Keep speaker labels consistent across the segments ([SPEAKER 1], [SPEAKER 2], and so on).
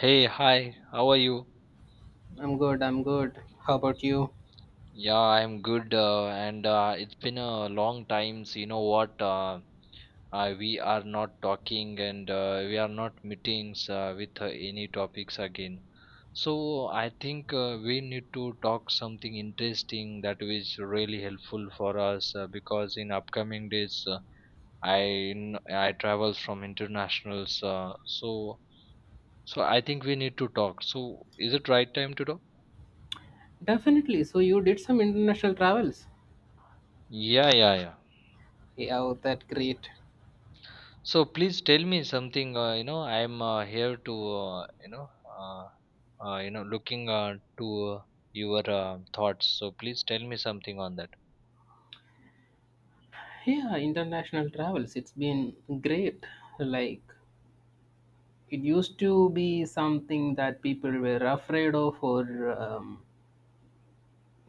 [SPEAKER 1] Hey, hi, how are you?
[SPEAKER 2] I'm good, I'm good. How about you?
[SPEAKER 1] Yeah, I'm good, and it's been a long time. So you know what? We are not talking and we are not meetings with any topics again. So I think we need to talk something interesting that is really helpful for us because in upcoming days I I travel from internationals. So I think we need to talk. So is it right time to talk?
[SPEAKER 2] Definitely. So you did some international travels.
[SPEAKER 1] Yeah, yeah, yeah.
[SPEAKER 2] Yeah, oh, that great.
[SPEAKER 1] So please tell me something. You know, I'm here to uh, looking to your thoughts. So please tell me something on that.
[SPEAKER 2] Yeah, international travels. It's been great. Like it used to be something that people were afraid of, or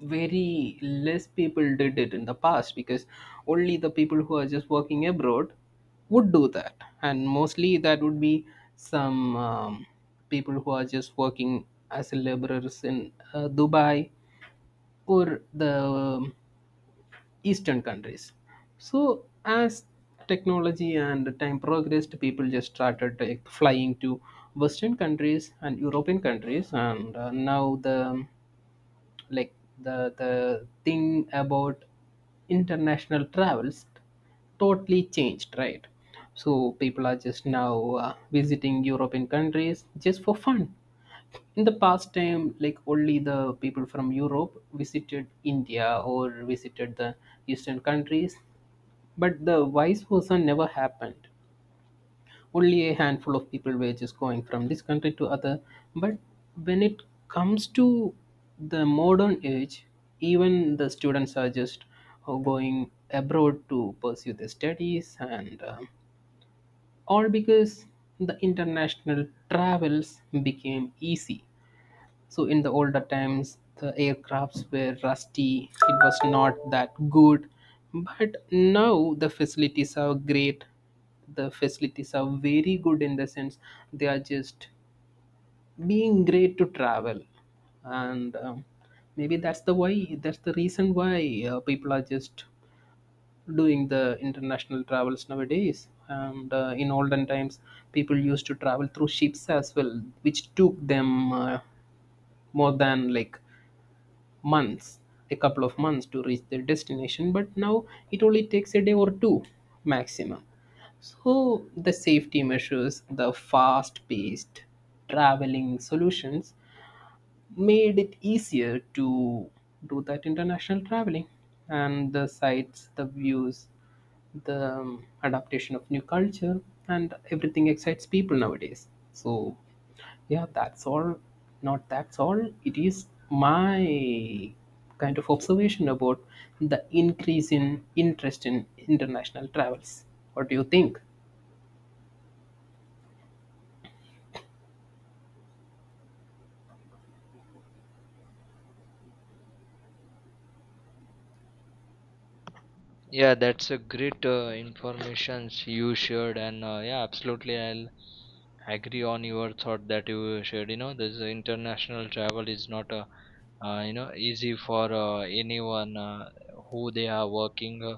[SPEAKER 2] very less people did it in the past because only the people who are just working abroad would do that, and mostly that would be some people who are just working as laborers in Dubai or the eastern countries. So as technology and time progressed, people just started, like, flying to western countries and european countries, and now the, like, the thing about international travels totally changed, right? So people are just now visiting european countries just for fun. In the past time, like, only the people from Europe visited India or visited the eastern countries, but the vice versa never happened. Only a handful of people were just going from this country to other. But when it comes to the modern age, even the students are just going abroad to pursue their studies, and all because the international travels became easy. So in the older times, the aircrafts were rusty. It was not that good, but now the facilities are great. The facilities are very good in the sense they are just being great to travel, and maybe that's the why. That's the reason why people are just doing the international travels nowadays. And in olden times, people used to travel through ships as well, which took them. More than, like, months, a couple of months to reach their destination, but now it only takes a day or two maximum. So the safety measures, the fast paced traveling solutions made it easier to do that international traveling, and the sights, the views, the adaptation of new culture and everything excites people nowadays. So yeah, that's all. Not that's all. It is my kind of observation about the increase in interest in international travels. What do you think?
[SPEAKER 1] Yeah, that's a great informations you shared, and yeah, absolutely, I'll agree on your thought that you shared. You know, this international travel is not a you know easy for anyone who they are working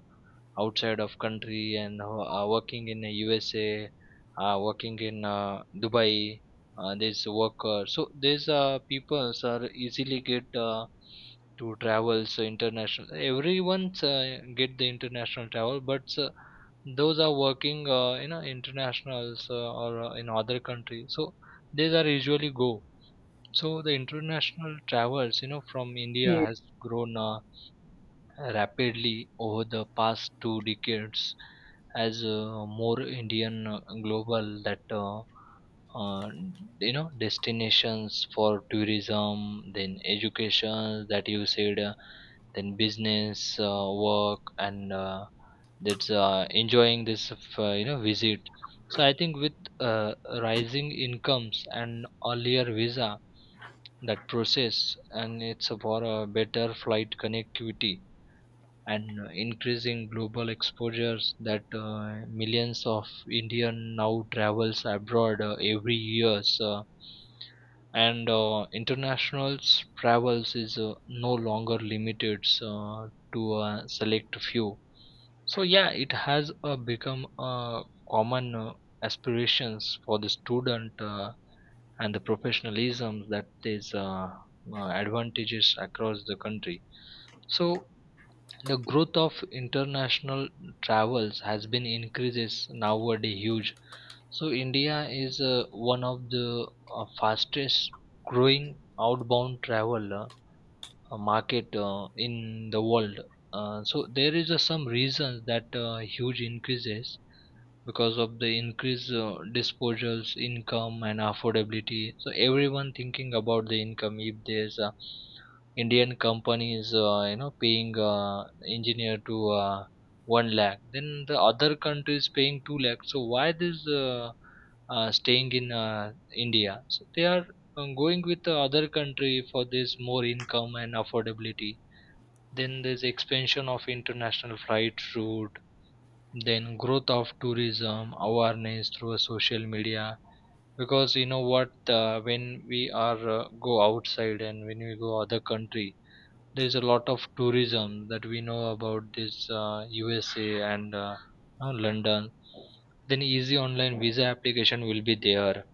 [SPEAKER 1] outside of country and who are working in the USA, working in Dubai. There's worker, so these peoples are easily get. To travels international everyone's get the international travel but those are working you know internationals or in other country so these are usually go so the international travels you know from india
[SPEAKER 2] Yeah.
[SPEAKER 1] has grown rapidly over the past two decades as more indian global that uh, you know destinations for tourism then education that you said then business work and that's enjoying this you know visit so I think with uh, rising incomes and earlier visa that process and it's for a better flight connectivity and increasing global exposures that millions of indian now travels abroad every year. So, and international travels is no longer limited to a select few so yeah it has become a common aspirations for the student and the professionalism that is advantages across the country so the growth of international travels has been increases nowadays huge so India is one of the fastest growing outbound travel market in the world. So there is some reasons that huge increases because of the increased disposals income and affordability so everyone thinking about the income if there's indian companies you know paying engineer to 1 lakh then the other country is paying 2 lakh so why this staying in india so they are going with the other country for this more income and affordability then there's expansion of international flight route then growth of tourism awareness through social media because you know what when we are go outside and when we go other country there is a lot of tourism that we know about this usa and london then easy online visa application will be there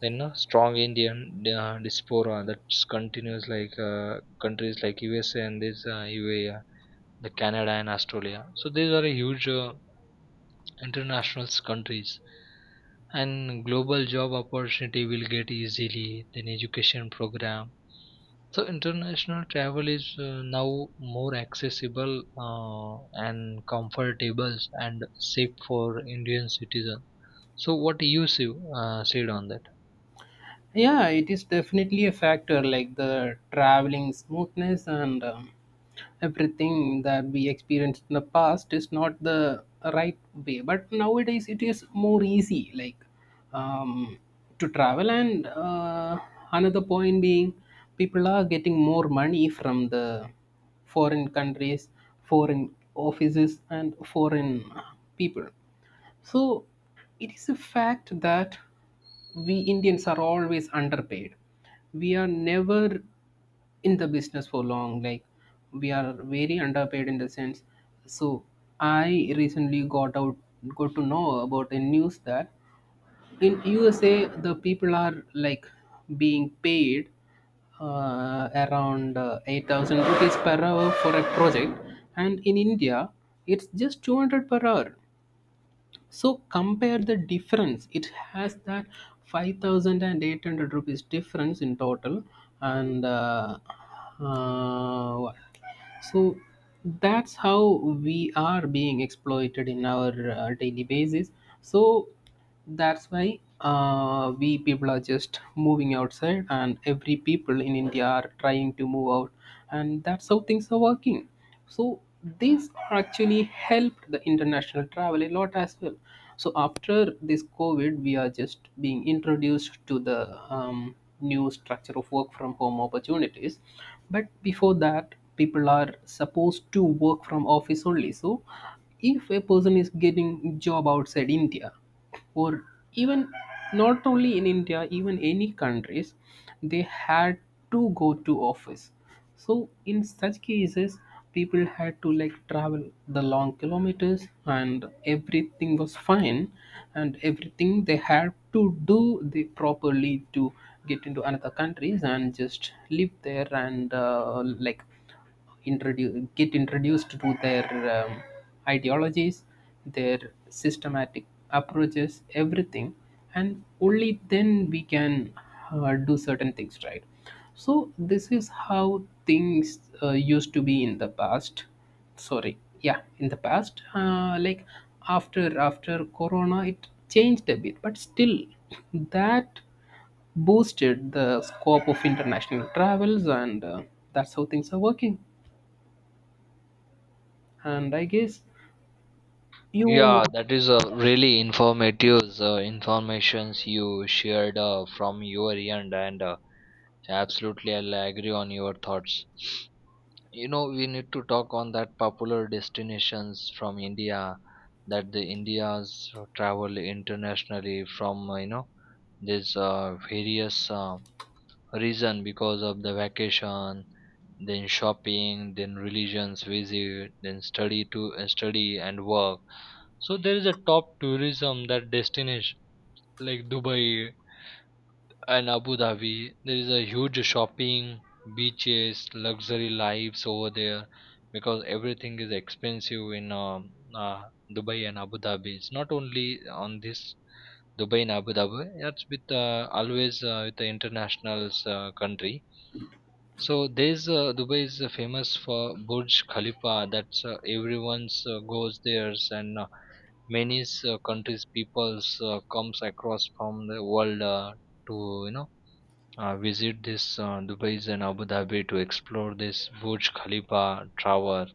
[SPEAKER 1] then strong indian diaspora that continues like countries like usa and this ua the canada and australia so these are a huge international countries and global job opportunity will get easily then education program so international travel is now more accessible and comfortable and safe for indian citizens so what you see, said on that.
[SPEAKER 2] Yeah, it is definitely a factor, like the traveling smoothness and everything that we experienced in the past is not the right way. But nowadays it is more easy, like um, to travel. And another point being, people are getting more money from the foreign countries, foreign offices, and foreign people. So it is a fact that we Indians are always underpaid. We are never in the business for long. Like, we are very underpaid in the sense. So I recently got to know about a news that in USA the people are like being paid around 8000 rupees per hour for a project, and in India it's just 200 per hour. So compare the difference it has. That 5800 rupees difference in total, and what? So that's how we are being exploited in our daily basis. So that's why we people are just moving outside, and every people in india are trying to move out, and that's how things are working. So these actually helped the international travel a lot as well. So after this covid, we are just being introduced to the um, new structure of work from home opportunities, but before that, people are supposed to work from office only. So if a person is getting job outside india, or even, not only in India, even any countries, they had to go to office. So in such cases, people had to like travel the long kilometers, and everything was fine, and everything they had to do they properly to get into another countries and just live there, and like, introduce get introduced to their um, ideologies, their systematic approaches, everything, and only then we can do certain things, right? So this is how things used to be in the past. Sorry, yeah, in the past like, after corona it changed a bit, but still that boosted the scope of international travels, and that's how things are working. And I guess
[SPEAKER 1] Yeah,
[SPEAKER 2] you—
[SPEAKER 1] that is a really informative informations you shared from your end, and absolutely I'll agree on your thoughts. You know we need to talk on that popular destinations from india that the Indians travel internationally from you know this various reason because of the vacation then shopping then religions visit then study and work so there is a top tourism that destination like dubai and Abu Dhabi. There is a huge shopping, beaches, luxury lives over there because everything is expensive in Dubai and Abu Dhabi. It's not only on this Dubai and Abu Dhabi. That's with always with the internationals country. So there's Dubai is famous for Burj Khalifa. That's everyone's goes there, and many countries peoples comes across from the world to you know visit this Dubai's and Abu Dhabi to explore this Burj Khalifa Tower.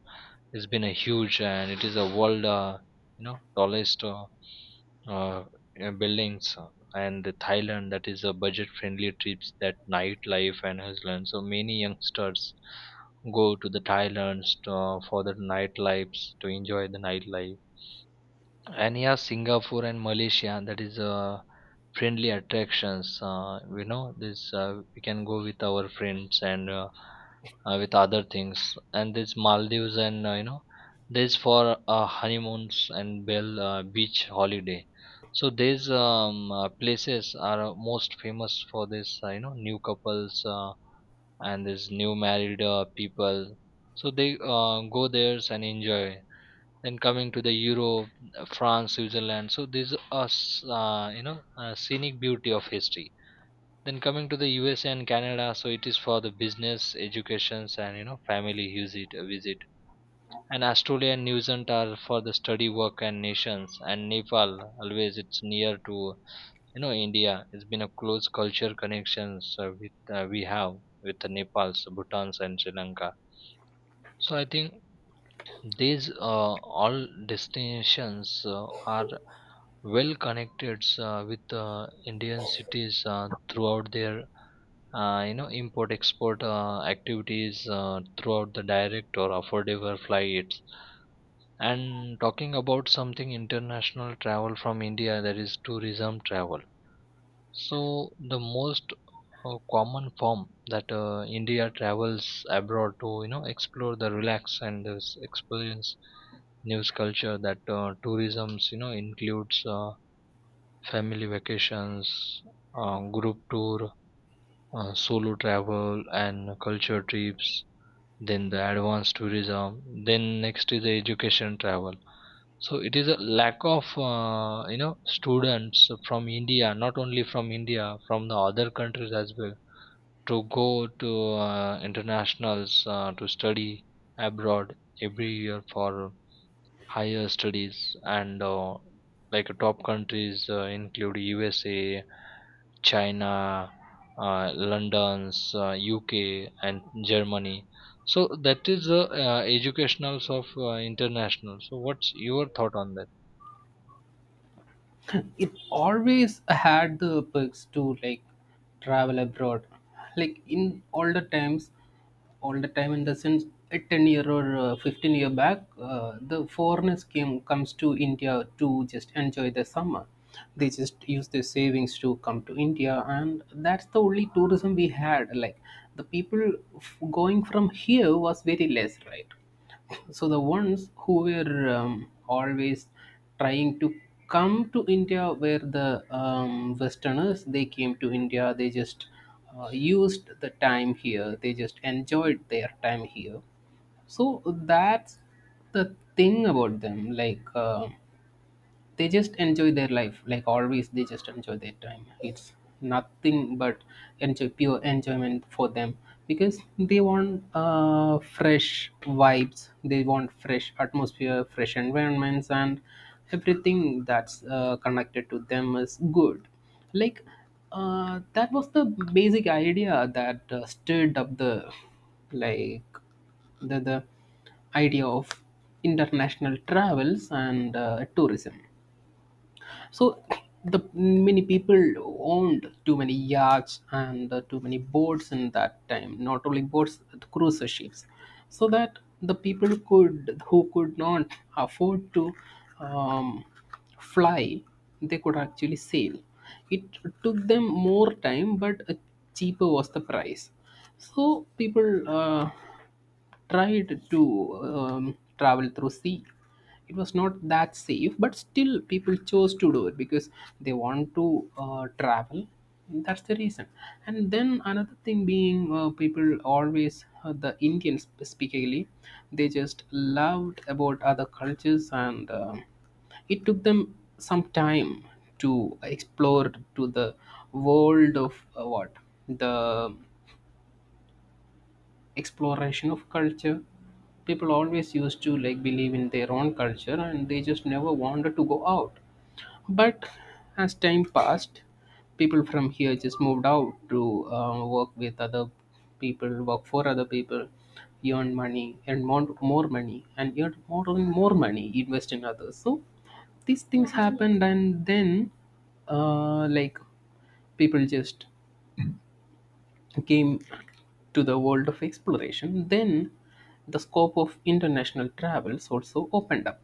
[SPEAKER 1] It's been a huge and it is a world, you know, tallest uh, buildings. And the Thailand, that is a budget-friendly trips that nightlife and Iceland. So many youngsters go to the Thailand to, for the nightlives to enjoy the nightlife. And yeah, Singapore and Malaysia, that is a friendly attractions you know this we can go with our friends and with other things and this maldives and you know this for honeymoons and bell beach holiday so these places are most famous for this you know new couples and this new married people so they go there and enjoy then coming to the Europe, France, Switzerland. So these are you know scenic beauty of history. Then coming to the USA and Canada, so it is for the business, educations, and you know family visit. And Australia and New Zealand are for the study, work, and nations. And Nepal, always it's near to you know India. It's been a close culture connections with we have with the Nepal, Bhutan, and Sri Lanka. So I think these all destinations are well connected with Indian cities throughout their you know import export activities throughout the direct or affordable flights. And talking about something international travel from India, that is tourism travel. So the most common form that India travels abroad to, you know, explore the relax and this experience news culture that tourism's, you know, includes family vacations, group tour, solo travel, and culture trips. Then the advanced tourism. Then next is the education travel so it is a lack of you know students from India, not only from India, from the other countries as well, to go to internationals to study abroad every year for higher studies and like top countries include USA, China, London's, UK, and Germany. So that is the educationals of international. So what's your thought on that?
[SPEAKER 2] And it always had the perks to, like, travel abroad, like in older times, all the time, in the sense, a 10 year or 15-year back, the foreigners came comes to india to just enjoy the summer. They just use their savings to come to india, and that's the only tourism we had. Like, the people going from here was very less, right? So the ones who were always trying to come to India, where the Westerners, they came to India, they just used the time here, they just enjoyed their time here. So that's the thing about them, like. They just enjoy their life, like, always they just enjoy their time. It's nothing but enjoy, pure enjoyment for them, because they want fresh vibes, they want fresh atmosphere, fresh environments, and everything that's connected to them is good. Like, that was the basic idea that stirred up the, like, the idea of international travels and tourism. So the many people owned too many yachts and too many boats in that time. Not only boats, but cruise ships, so that the people could, who could not afford to um, fly, they could actually sail. It took them more time, but cheaper was the price. So people tried to travel through sea. It was not that safe, but still people chose to do it because they want to travel. That's the reason. And then another thing being people always the indians specifically, they just loved about other cultures, and um, it took them some time to explore to the world of what, the exploration of culture. People always used to like believe in their own culture, and they just never wanted to go out. But as time passed, people from here just moved out to work with other people, work for other people, earn money, earn more money, and earn more and more money, invest in others. So these things happened, and then like, people just came to the world of exploration, then the scope of international travels also opened up.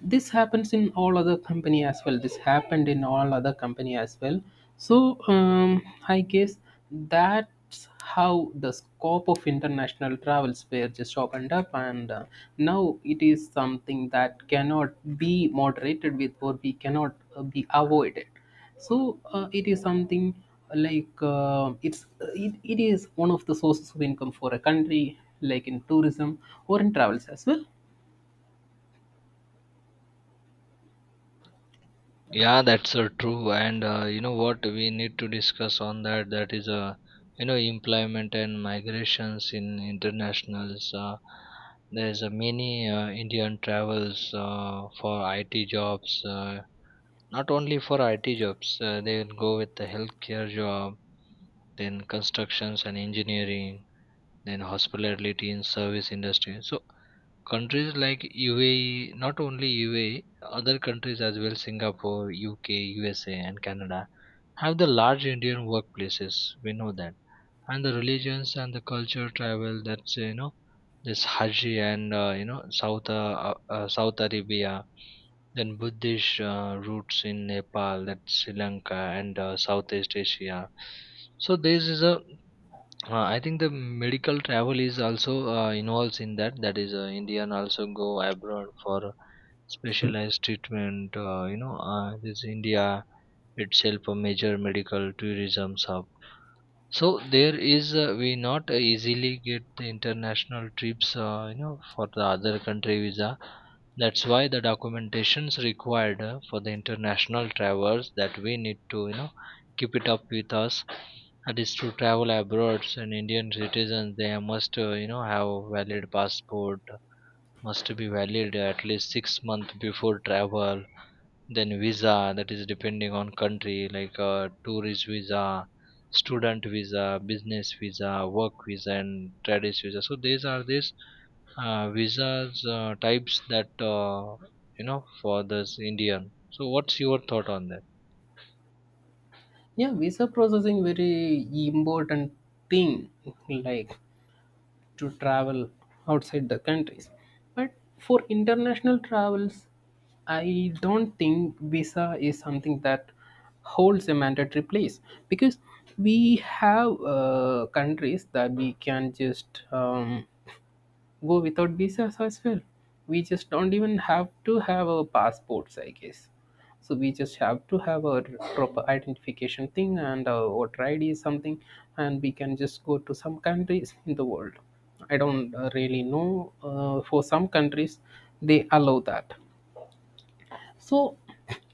[SPEAKER 2] This happens in all other company as well. This happened in all other company as well. So I guess that's how the scope of international travels were just opened up, and now it is something that cannot be moderated with, or we cannot be avoided. So it is something like, it's it is one of the sources of income for a country, like in tourism or in travels as well.
[SPEAKER 1] Yeah, that's true. And you know what we need to discuss on that that is you know employment and migrations in internationals. There's many Indian travels for IT jobs. Not only for IT jobs, they will go with the healthcare job, then constructions and engineering, then hospitality and service industry. So countries like UAE, not only UAE, other countries as well, Singapore, UK, USA, and Canada, have the large Indian workplaces. We know that. And the religions and the culture travel that's, you know, this Haji and, you know, South Arabia, then Buddhist roots in Nepal, that's Sri Lanka, and Southeast Asia. So this is a I think the medical travel is also involves in that. That is, Indian also go abroad for specialized treatment. You know, this India itself a major medical tourism hub. So there is we not easily get the international trips, you know, for the other country visa. That's why the documentations required for the international travelers that we need to, you know, keep it up with us. That is to travel abroad, so Indian citizens they must, you know, have valid passport, must be valid at least 6 months before travel then visa that is depending on country like tourist visa student visa business visa work visa and trades visa so these are these visas types that you know for this indian so what's your thought on that.
[SPEAKER 2] Yeah, visa processing, very important thing, like, to travel outside the countries. But for international travels, I don't think visa is something that holds a mandatory place, because we have countries that we can just go without visas as well. We just don't even have to have our passports, I guess. So we just have to have our proper identification thing, and our voter ID is something, and we can just go to some countries in the world. I don't really know. For some countries, they allow that. So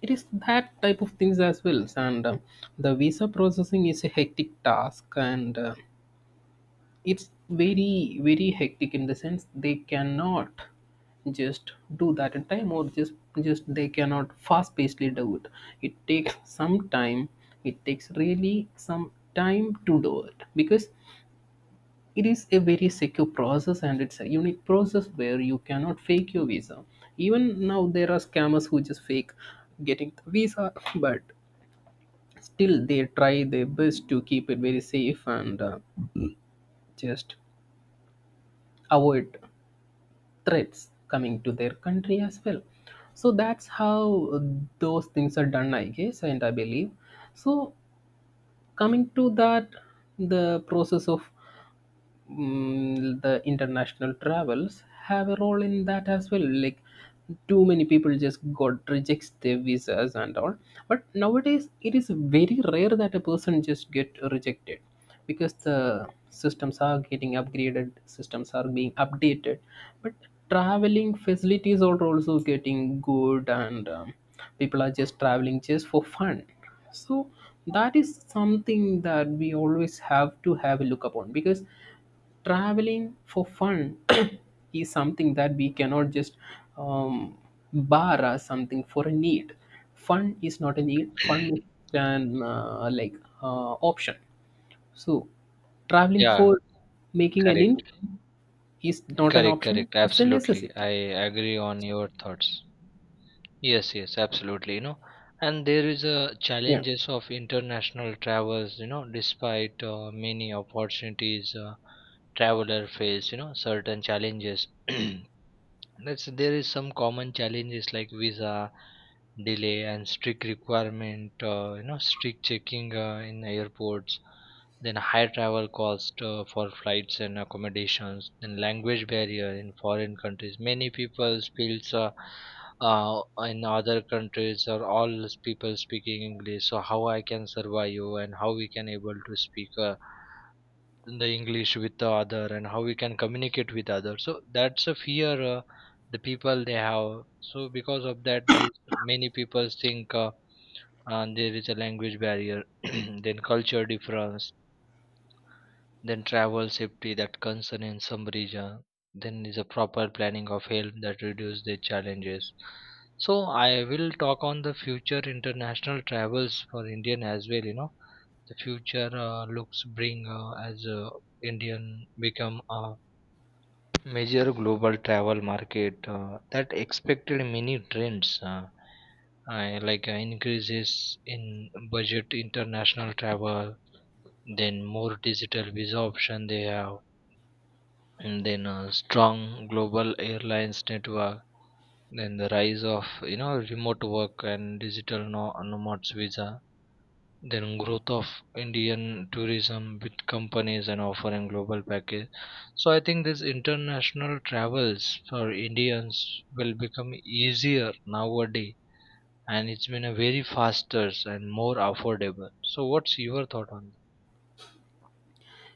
[SPEAKER 2] it is that type of things as well. And the visa processing is a hectic task, and. It's very hectic in the sense they cannot just do that in time, or just they cannot fast pacedly do it. It takes some time, it takes really some time to do it, because it is a very secure process, and it's a unique process where you cannot fake your visa. Even now, there are scammers who just fake getting the visa, but still they try their best to keep it very safe and just avoid threats coming to their country as well. So that's how those things are done, I guess, and I believe. So coming to that, the process of the international travels have a role in that as well, like, too many people just got rejects their visas and all. But nowadays it is very rare that a person just get rejected, because the systems are getting upgraded, systems are being updated. But traveling facilities are also getting good, and people are just traveling just for fun. So that is something that we always have to have a look upon, because traveling for fun is something that we cannot just um, bar as something for a need. Fun is not a need. Fun is an like, option. So traveling
[SPEAKER 1] Yeah,
[SPEAKER 2] for making an
[SPEAKER 1] correct,
[SPEAKER 2] income is not an
[SPEAKER 1] correct,
[SPEAKER 2] option.
[SPEAKER 1] correct,
[SPEAKER 2] It's a
[SPEAKER 1] absolutely,
[SPEAKER 2] necessity.
[SPEAKER 1] I agree on your thoughts. Yes, yes, absolutely. You know, and there is a
[SPEAKER 2] Yeah.
[SPEAKER 1] challenges of international travels. You know, despite many opportunities, traveler face you know certain challenges. Let's there is some common challenges like visa delay and strict requirement, you know, strict checking in airports, then high travel cost for flights and accommodations, then language barrier in foreign countries. Many people speaks in other countries are all people speaking English. So how I can survive you and how we can able to speak. In the english with the other and how we can communicate with others so that's a fear the people they have so because of that this many people think there is a language barrier. Then culture difference then travel safety that concern in some region then is a proper planning of help that reduce the challenges so I will talk on the future international travels for indian as well you know the future looks bring as indian become a major global travel market that expected many trends like increases in budget international travel then more digital visa option they have and then strong global airlines network then the rise of you know remote work and digital nomads visa then growth of Indian tourism with companies and offering global package. So I think this international travels for Indians will become easier nowadays and it's been a very faster and more affordable. So what's your thought on that?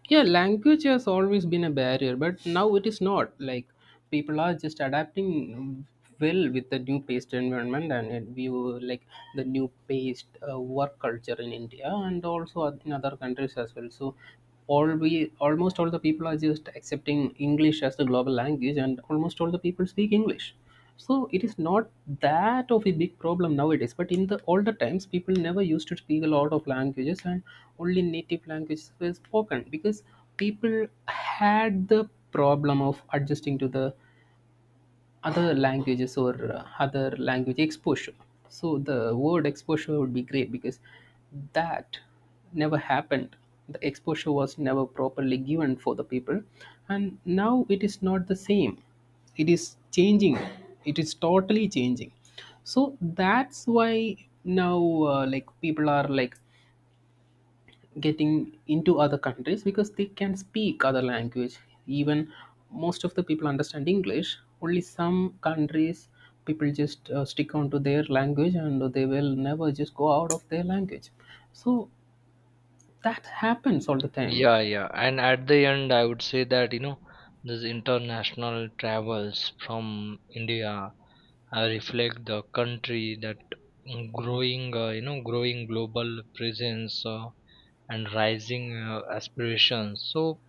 [SPEAKER 2] Yeah, language has always been a barrier, but now it is not. Like, people are just adapting well with the new paste environment, and it, we were like the new paste work culture in india and also in other countries as well. So all, we almost all the people are just accepting english as the global language, and almost all the people speak english. So it is not that of a big problem nowadays, but in the older times people never used to speak a lot of languages, and only native languages were spoken, because people had the problem of adjusting to the other languages or other language exposure. So the word exposure would be great, because that never happened. The exposure was never properly given for the people, and now it is not the same. It is changing. It is totally changing. So that's why now like, people are like getting into other countries because they can speak other language. Even most of the people understand english. Only some countries, people just stick on to their language, and they will never just go out of their language. So that happens all the time.
[SPEAKER 1] Yeah, yeah. And at the end, I would say that, you know, these international travels from India reflect the country that growing, you know, growing global presence and rising aspirations. So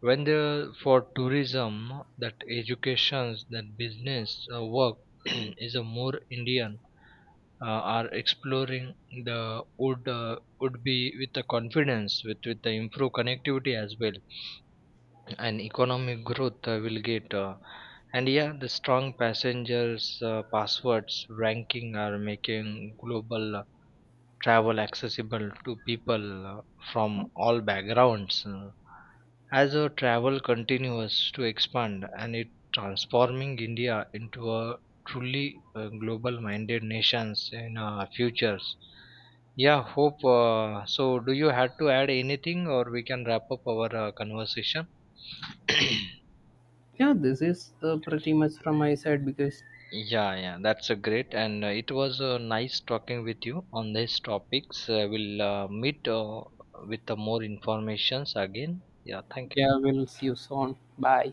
[SPEAKER 1] when the for tourism, that educations, that business work is a more Indian are exploring the would be with the confidence with the improved connectivity as well and economic growth will get and yeah the strong passengers passwords ranking are making global travel accessible to people from all backgrounds as a travel continues to expand and it transforming india into a truly global minded nations in futures. Yeah, hope so, do you have to add anything or we can wrap up our conversation?
[SPEAKER 2] Yeah, this is pretty much from my side because—
[SPEAKER 1] Yeah, yeah, that's a great, and it was nice talking with you on these topics. We'll meet with more informations again. Yeah, thank you.
[SPEAKER 2] Yeah, we'll see you soon, bye.